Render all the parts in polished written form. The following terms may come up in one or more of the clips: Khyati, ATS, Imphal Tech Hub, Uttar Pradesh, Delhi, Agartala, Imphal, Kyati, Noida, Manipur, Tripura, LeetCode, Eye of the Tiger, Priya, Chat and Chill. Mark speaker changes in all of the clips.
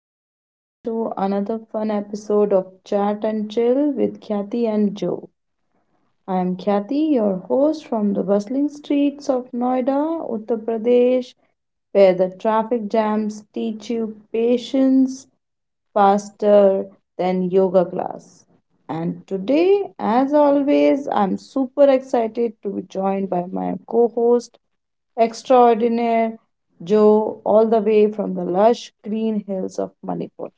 Speaker 1: and welcome to another fun episode of Chat and Chill with Khyati and Joe. I am Khyati, your host from the bustling streets of Noida, Uttar Pradesh, where the traffic jams teach you patience faster than yoga class. And today, as always, I'm super excited to be joined by my co host extraordinaire Joe, all the way from the lush green hills of Manipur.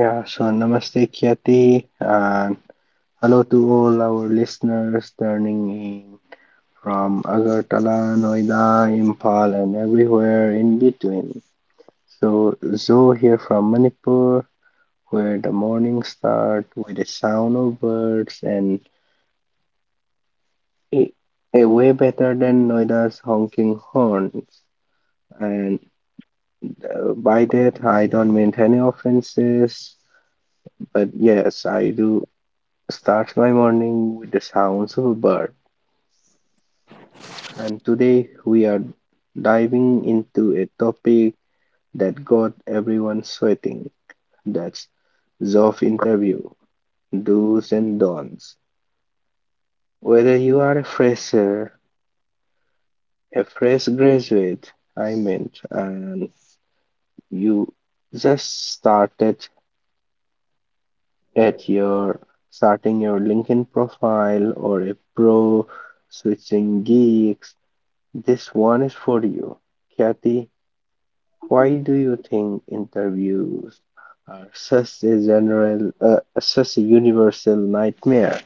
Speaker 2: Yeah, so namaste, Kyati, and hello to all our listeners turning in from Agartala, Noida, Impal, and everywhere in between. So, Zo here from Manipur, where the morning start with the sound of birds and a, a way better than Noida's honking horns. And by that, I don't mean any offenses, but yes, I do starts my morning with the sounds of a bird. And today we are diving into a topic that got everyone sweating. That's job interview, do's and don'ts. Whether you are a fresher, a fresh graduate, I meant, and you just started at your starting your LinkedIn profile or a pro switching gigs, this one is for you, Kathy, why do you think interviews are such a general, such a universal nightmare?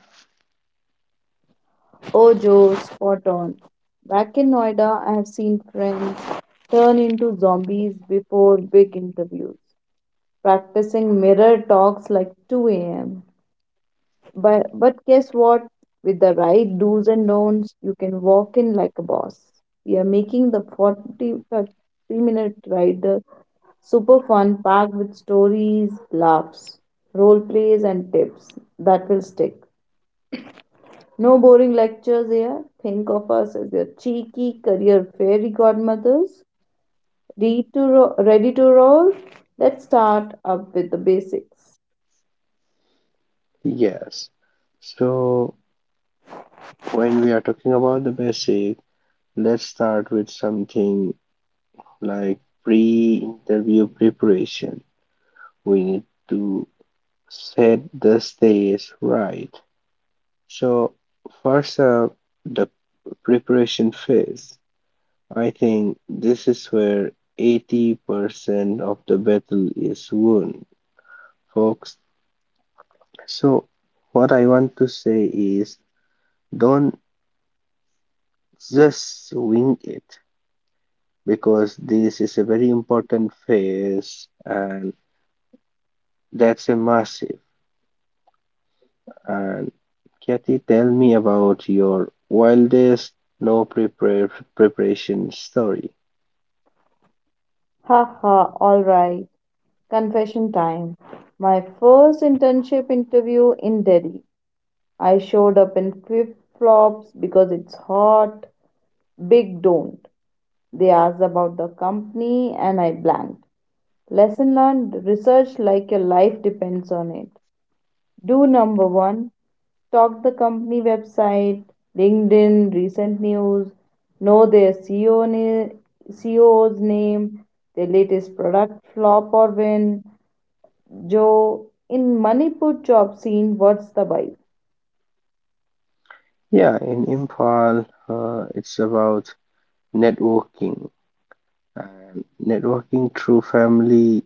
Speaker 1: Oh, Joe, spot on. Back in Noida, I have seen friends turn into zombies before big interviews, practicing mirror talks like 2 a.m. But guess what? With the right do's and don'ts, you can walk in like a boss. We are making the 40 30 minute ride, super fun, packed with stories, laughs, role plays, and tips that will stick. No boring lectures here. Think of us as your cheeky career fairy godmothers. Ready to roll? Let's start up with the basics.
Speaker 2: Yes. So when we are talking about the basic, let's start with something like pre-interview preparation. We need to set the stage right. So first up, the preparation phase. I think this is where 80% of the battle is won, folks. So, what I want to say is don't just wing it because this is a very important phase and that's a massive. And Kathy, tell me about your wildest no prepare preparation story.
Speaker 1: Ha ha! Alright. Confession time. My first internship interview in Delhi. I showed up in flip flops because it's hot. Big don't. They asked about the company and I blanked. Lesson learned, research like your life depends on it. Do number one, stalk the company website, LinkedIn, recent news, know their CEO's name, their latest product flop or win. Joe, in Manipur job scene, what's the vibe?
Speaker 2: Yeah, in Imphal, it's about networking and networking through family,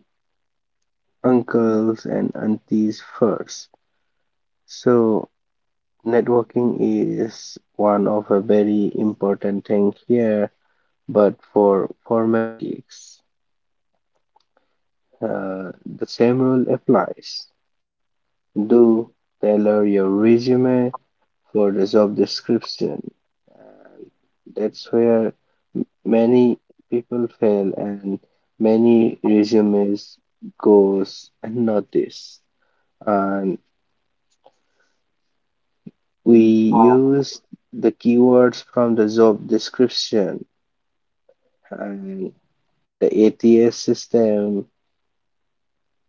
Speaker 2: uncles, and aunties first. So, networking is one of a very important thing here, but for formal gigs, the same rule applies. Do tailor your resume for the job description. That's where many people fail and many resumes goes unnoticed. And we use the keywords from the job description and the ATS system.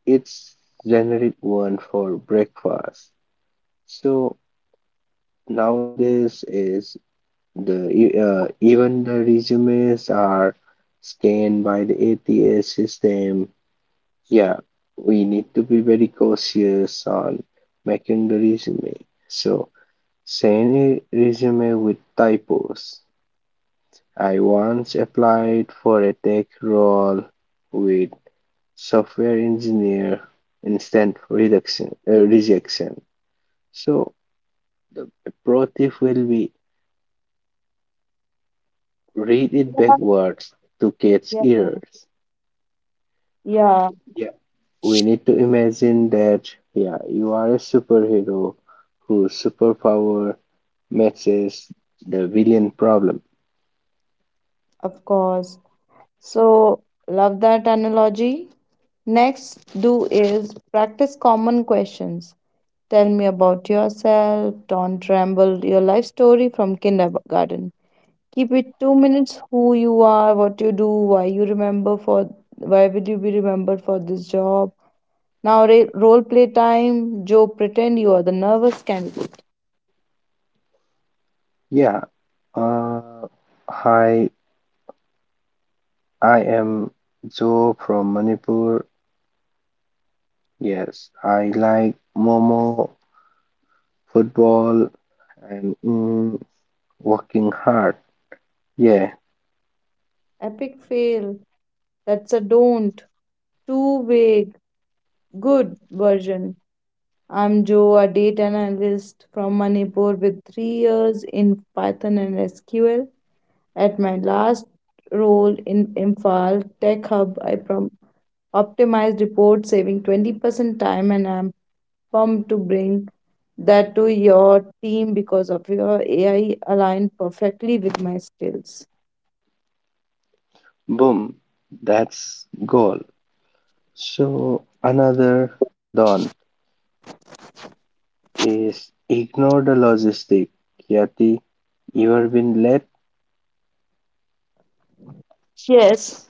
Speaker 2: It's generic one for breakfast. So nowadays is even the resumes are scanned by the ATS system. Yeah, we need to be very cautious on making the resume. So send a resume with typos. I once applied for a tech role with software engineer, instant rejection. So the pro tip will be read it
Speaker 1: Yeah,
Speaker 2: backwards to catch
Speaker 1: yeah,
Speaker 2: errors.
Speaker 1: yeah,
Speaker 2: And yeah, we need to imagine that yeah, you are a superhero whose superpower matches the villain problem.
Speaker 1: of course. So, love that analogy. Next, do is practice common questions. Tell me about yourself. Don't tremble your life story from kindergarten. Keep it 2 minutes: who you are, what you do, why would you be remembered for this job. Now role play time. Joe, pretend you are the nervous candidate.
Speaker 2: Yeah. Uh, Hi, I am Joe from Manipur. Yes, I like Momo, football, and working hard. Yeah,
Speaker 1: Epic fail. That's a don't. Too vague. Good version. I'm Joe, a data analyst from Manipur with 3 years in Python and SQL. At my last role in Imphal Tech Hub, I optimized reports, saving 20% time, and I'm pumped to bring that to your team because of your AI aligned perfectly with my skills.
Speaker 2: boom, that's goal. So another don't is ignore the logistic. Yati, you have been late?
Speaker 1: Yes,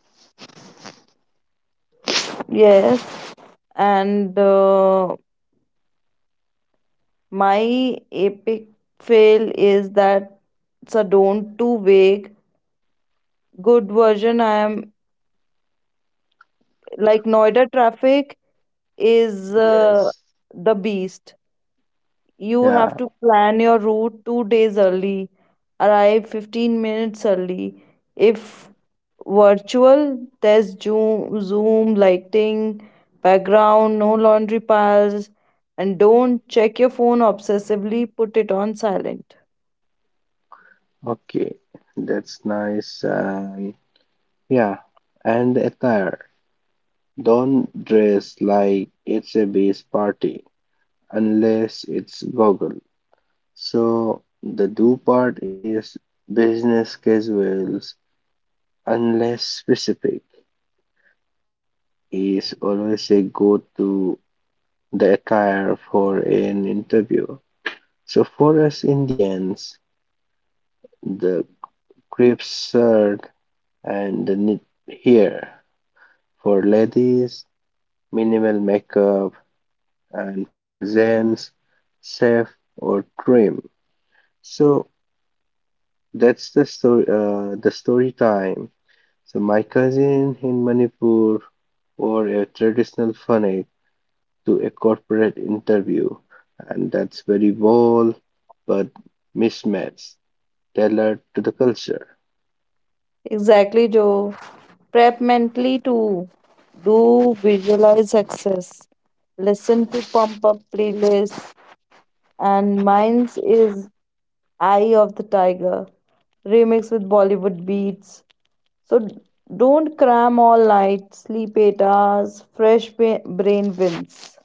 Speaker 1: yes. And my epic fail is that, so don't, too vague, good version. I am like, Noida traffic is
Speaker 2: Yes.
Speaker 1: the beast. You have
Speaker 2: Yeah,
Speaker 1: to plan your route 2 days early, arrive 15 minutes early. If virtual, there's zoom lighting, background, no laundry piles. And don't check your phone obsessively, put it on silent.
Speaker 2: okay, that's nice. And yeah, and attire. Don't dress like it's a beach party unless it's goggle. So the do part is business casuals, unless specific, is always a go to the attire for an interview. So for us Indians, the crepe shirt and the knit here. For ladies, minimal makeup, and for gents, safe or trim. So that's the story. The story time. So my cousin in Manipur wore a traditional funny to a corporate interview, and that's very bold but mismatched, tailored to the culture.
Speaker 1: Exactly, Joe. Prep mentally too. Do visualize success. Listen to pump up playlists, and mine's is Eye of the Tiger remix with Bollywood beats. So don't cram all night, sleep 8 hours, fresh brain wins.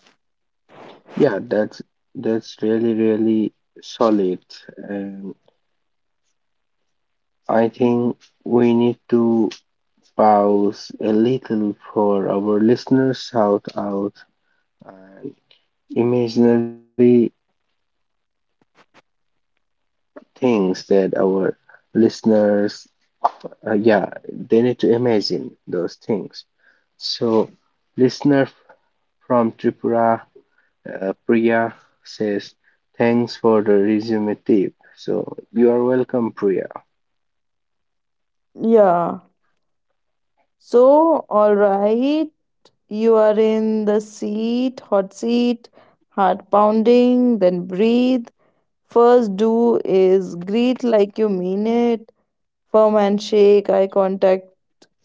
Speaker 2: Yeah, that's really really solid, and I think we need to pause a little for our listeners shout out and imaginary things that our listeners yeah, they need to imagine those things. So, listener from Tripura, Priya says, "Thanks for the resume tip." So you are welcome, Priya.
Speaker 1: Yeah. So, alright, you are in the seat, hot seat, heart pounding, then breathe. First do is greet like you mean it, firm handshake, eye contact,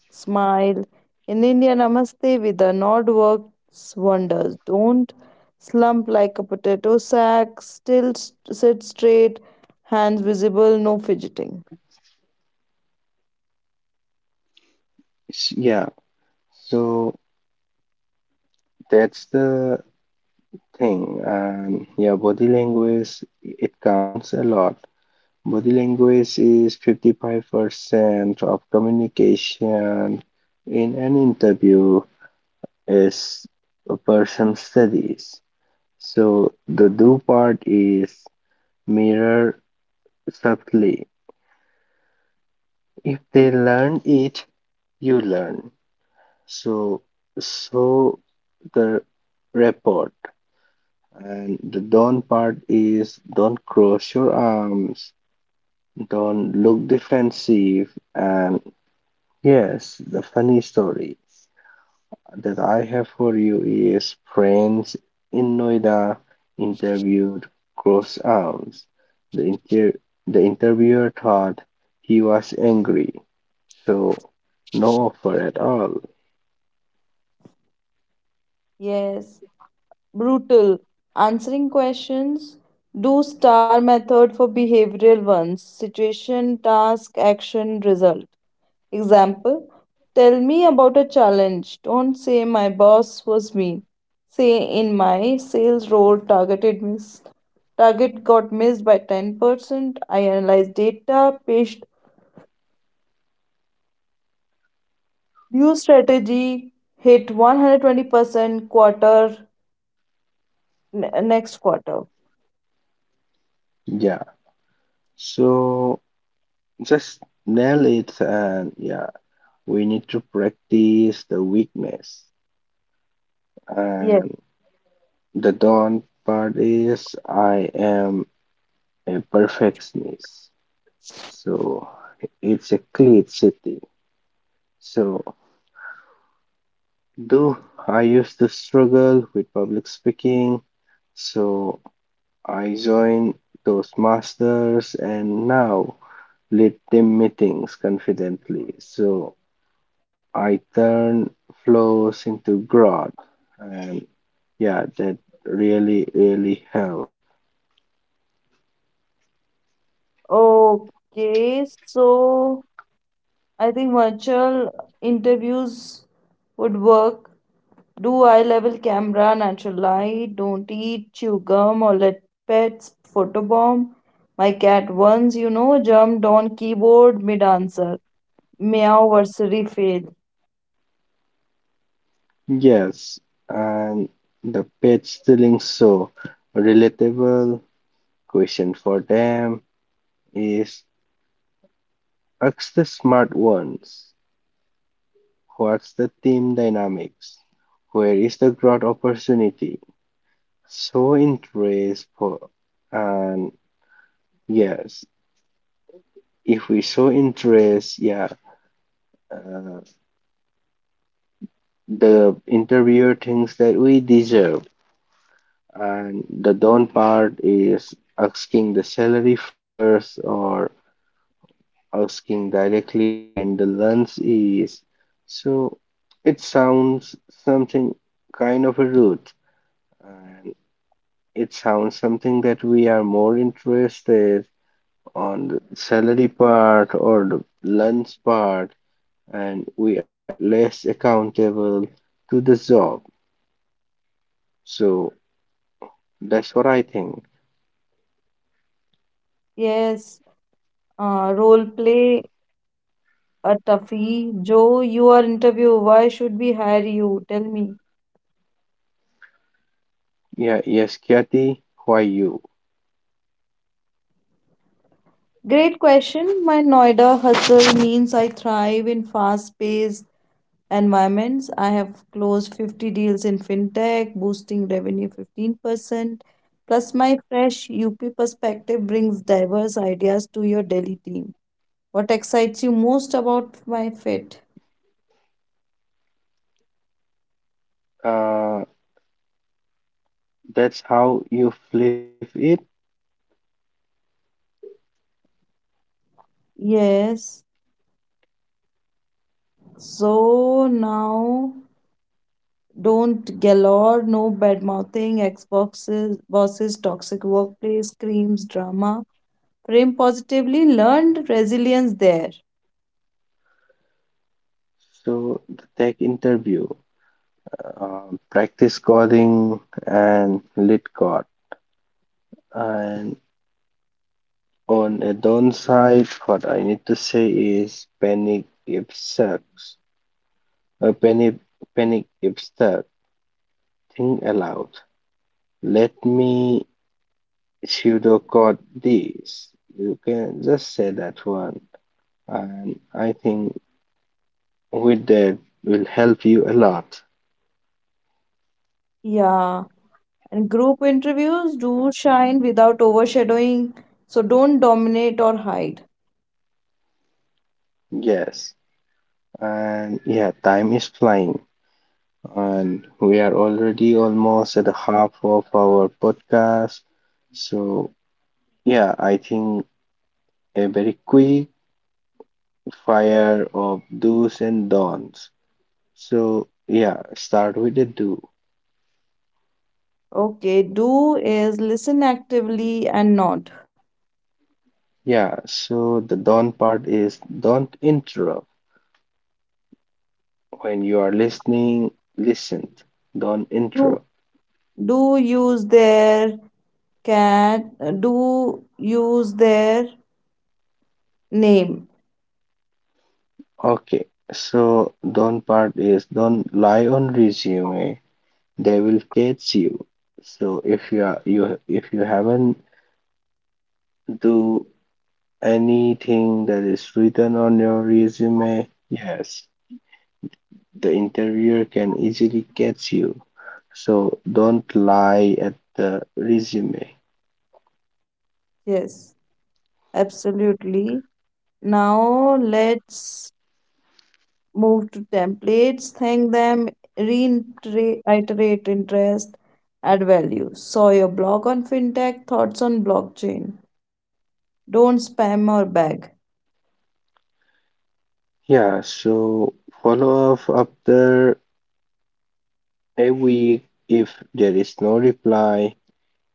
Speaker 1: smile. In India, namaste with a nod works wonders. Don't slump like a potato sack, still sit straight, hands visible, no fidgeting.
Speaker 2: Yeah, so that's the thing. Yeah, body language it counts a lot. Body language is 55% of communication in an interview, as a person studies. So the do part is mirror subtly. If they learn it, you learn. So so the report and the don't part is don't cross your arms, don't look defensive, and yes, the funny story that I have for you is Friends in Noida interviewed Cross Arms. The, inter- the interviewer thought he was angry, so no offer at all.
Speaker 1: Yes, brutal. Answering questions. Do star method for behavioral ones: situation, task, action, result. Example: tell me about a challenge. Don't say my boss was mean. Say in my sales role, target got missed by 10%. I analyzed data, pitched new strategy, hit 120% next quarter.
Speaker 2: Yeah, so just nail it, and yeah, we need to practice the weakness.
Speaker 1: Yes.
Speaker 2: And the don't part is I am a perfectionist, so it's a clear city. So, though I used to struggle with public speaking, so I joined those masters and now lead team meetings confidently. So, I turn flows into growth, and yeah, that really, really helped.
Speaker 1: Okay. So I think virtual interviews would work. Do eye level camera, natural light, don't eat, chew gum, or let pets photobomb. My cat once, jumped on keyboard mid answer. Meow versary fail.
Speaker 2: Yes, and the pet stealing so relatable question for them is ask the smart ones. What's the team dynamics? Where is the growth opportunity? Show interest for, and yes, if we show interest, yeah, uh, the interviewer thinks that we deserve. And the down part is asking the salary first or asking directly when the lunch is. So it sounds something kind of a rude. It sounds something that we are more interested on the salary part or the lunch part, and we are less accountable to the job. So that's what I think.
Speaker 1: Yes, role play, a toughie. Joe, you are interview. Why should we hire you? Tell me.
Speaker 2: Yeah, yes, Kyati, why you?
Speaker 1: Great question. My Noida hustle means I thrive in fast paced environments. I have closed 50 deals in fintech, boosting revenue 15%. Plus, my fresh UP perspective brings diverse ideas to your Delhi team. What excites you most about my fit?
Speaker 2: Uh, that's how you flip it.
Speaker 1: Yes. So now don't galore, no bad mouthing ex boxes, bosses, toxic workplace, screams, drama. Frame positively, learned resilience there.
Speaker 2: So the tech interview, practice coding and lit code, and on a downside, what I need to say is panic if sucks. A panic, panic if stuck. Think aloud. Let me pseudo code this. You can just say that one, and I think with that will help you a lot.
Speaker 1: Yeah. And group interviews, do shine without overshadowing, so don't dominate or hide.
Speaker 2: Yes, and yeah, time is flying, and we are already almost at the half of our podcast. So yeah, I think a very quick fire of do's and don'ts. So, yeah, start with the do.
Speaker 1: Okay, do is listen actively, and not.
Speaker 2: Yeah, so the don't part is don't interrupt. When you are listening, listen. Don't
Speaker 1: Do,
Speaker 2: interrupt.
Speaker 1: do use their can do use their name.
Speaker 2: Okay, so don't part is don't lie on resume. They will catch you. So if you are you if you haven't do anything that is written on your resume, yes, the interior can easily catch you. So don't lie at the resume.
Speaker 1: Yes, absolutely. Now let's move to templates. Thank them, reiterate interest, add value. Saw your blog on fintech, thoughts on blockchain. Don't spam or beg.
Speaker 2: Yeah, so follow up after a week if there is no reply,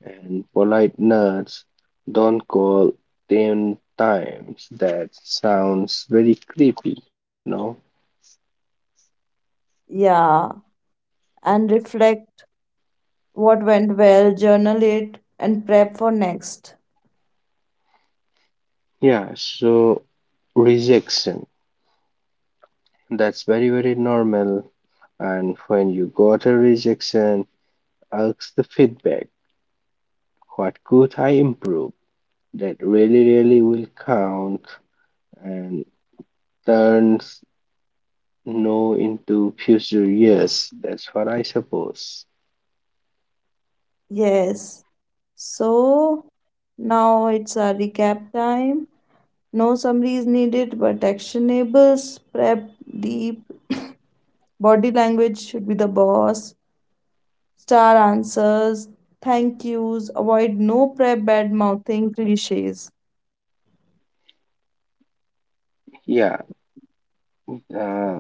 Speaker 2: and polite nerds don't call 10 times. That sounds very creepy, you know?
Speaker 1: Yeah, and reflect what went well, journal it, and prep for next.
Speaker 2: Yeah, so rejection. That's very, very normal. And when you got a rejection, ask the feedback. What could I improve that really, really will count and turns no into future years. That's what I suppose.
Speaker 1: Yes. So now it's a recap time. No summary is needed, but actionables: prep deep, body language should be the boss, star answers, thank yous, avoid no prep, bad mouthing, cliches.
Speaker 2: Yeah, uh,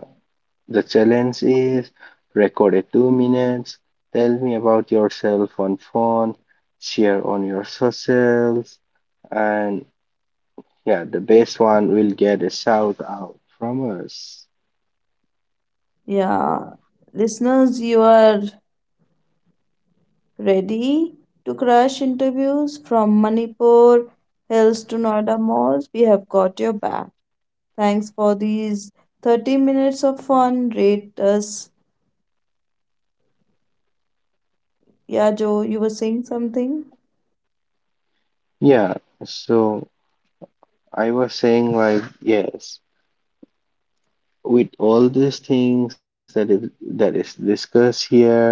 Speaker 2: the challenge is record a 2 minutes, tell me about yourself on phone, share on your socials, and yeah, the best one will get a shout out from us.
Speaker 1: Yeah, listeners, you are ready to crush interviews from Manipur hills to Noida malls. We have got your back. Thanks for these 30 minutes of fun. Rate us. Yeah, Joe, you were saying something?
Speaker 2: Yeah, so I was saying like yes, with all these things that is discussed here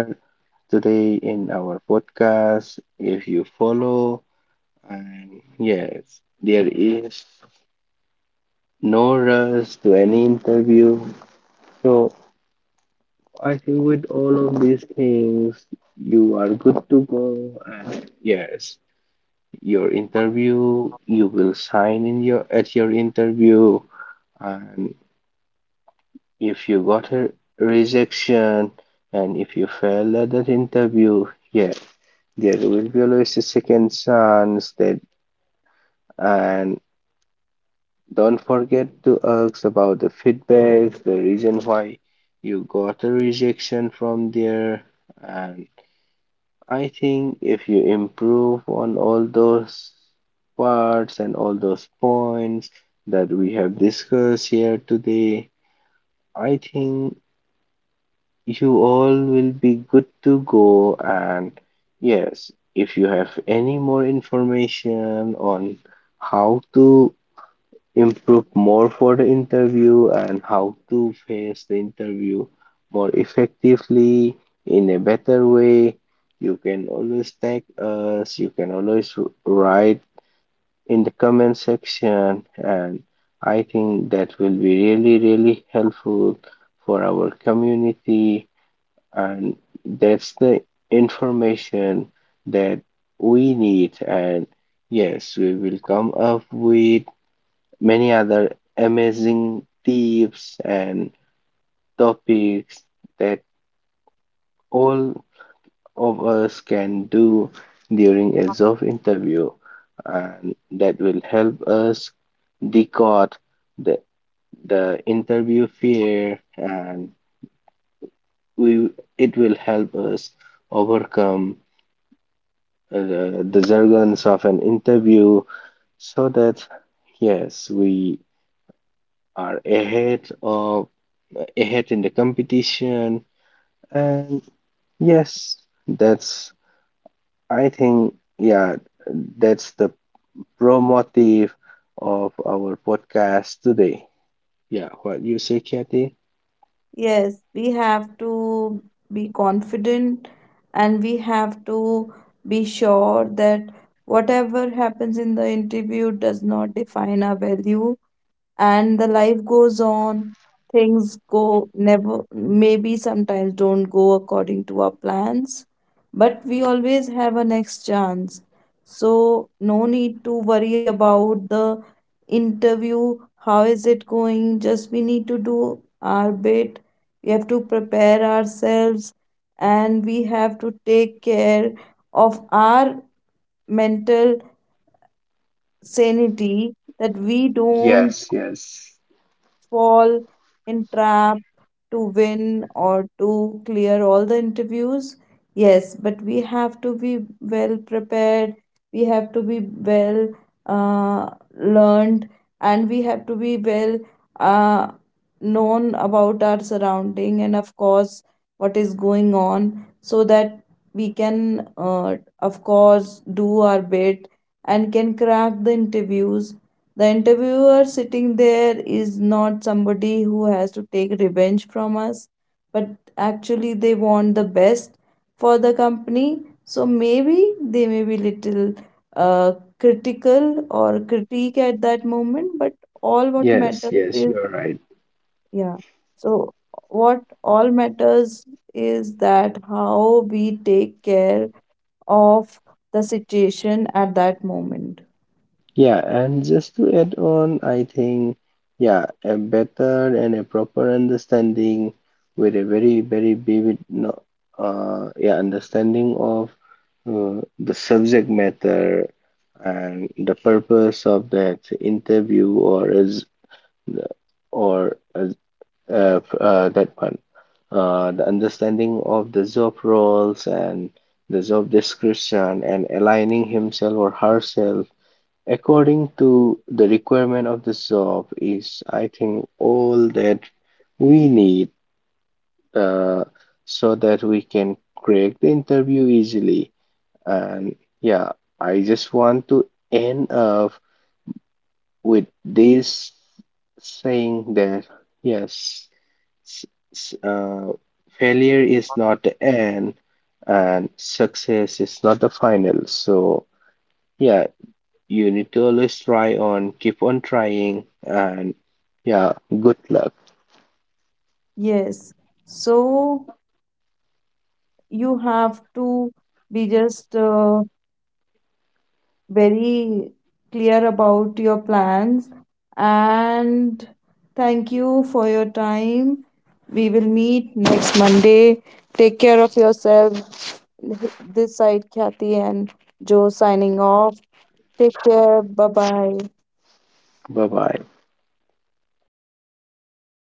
Speaker 2: today in our podcast, if you follow, and yes, there is no rush to any interview. So I think with all of these things, you are good to go, and yes, your interview, you will sign in your at your interview, and if you got a rejection and if you fail at that interview, yeah, there will be always a second chance that and don't forget to ask about the feedback, the reason why you got a rejection from there. And I think if you improve on all those parts and all those points that we have discussed here today, I think you all will be good to go. And yes, if you have any more information on how to improve more for the interview and how to face the interview more effectively in a better way, you can always tag us. You can always write in the comment section. And I think that will be really, really helpful for our community and that's the information that we need and yes we will come up with many other amazing tips and topics that all of us can do during a job interview and that will help us decode the the interview fear and we it will help us overcome uh, the jargons of an interview so that yes we are ahead of ahead in the competition and yes that's I think yeah that's the pro motive of our podcast today yeah what you say kathy
Speaker 1: Yes, we have to be confident, and we have to be sure that whatever happens in the interview does not define our value, and the life goes on. Things go, never maybe, sometimes don't go according to our plans, but we always have a next chance. So no need to worry about the interview, how is it going, just we need to do our bit. We have to prepare ourselves, and we have to take care of our mental sanity, that we don't
Speaker 2: yes yes
Speaker 1: fall in trap to win or to clear all the interviews. Yes, but we have to be well prepared, we have to be well uh, learned, and we have to be well uh, known about our surrounding, and of course what is going on, so that we can, uh, of course, do our bit and can crack the interviews. The interviewer sitting there is not somebody who has to take revenge from us, but actually they want the best for the company. So maybe they may be little uh, critical or critique at that moment, but all what
Speaker 2: yes
Speaker 1: matters
Speaker 2: yes
Speaker 1: is,
Speaker 2: you're right.
Speaker 1: yeah. So what all matters is that how we take care of the situation at that moment.
Speaker 2: Yeah, and just to add on, I think, yeah, a better and a proper understanding with a very, very vivid, no, yeah, understanding of the subject matter and the purpose of that interview or is or that one, the understanding of the job roles and the job description and aligning himself or herself according to the requirement of the job is I think all that we need uh, so that we can crack the interview easily and yeah I just want to end up with this saying that yes s- s- uh, failure is not the end and success is not the final so yeah you need to always try on, keep on trying, and yeah, good luck.
Speaker 1: Yes. So you have to be just very clear about your plans, and thank you for your time. We will meet next Monday. Take care of yourself. This side Kathy and Joe signing off. Take care, bye bye.
Speaker 2: Bye bye.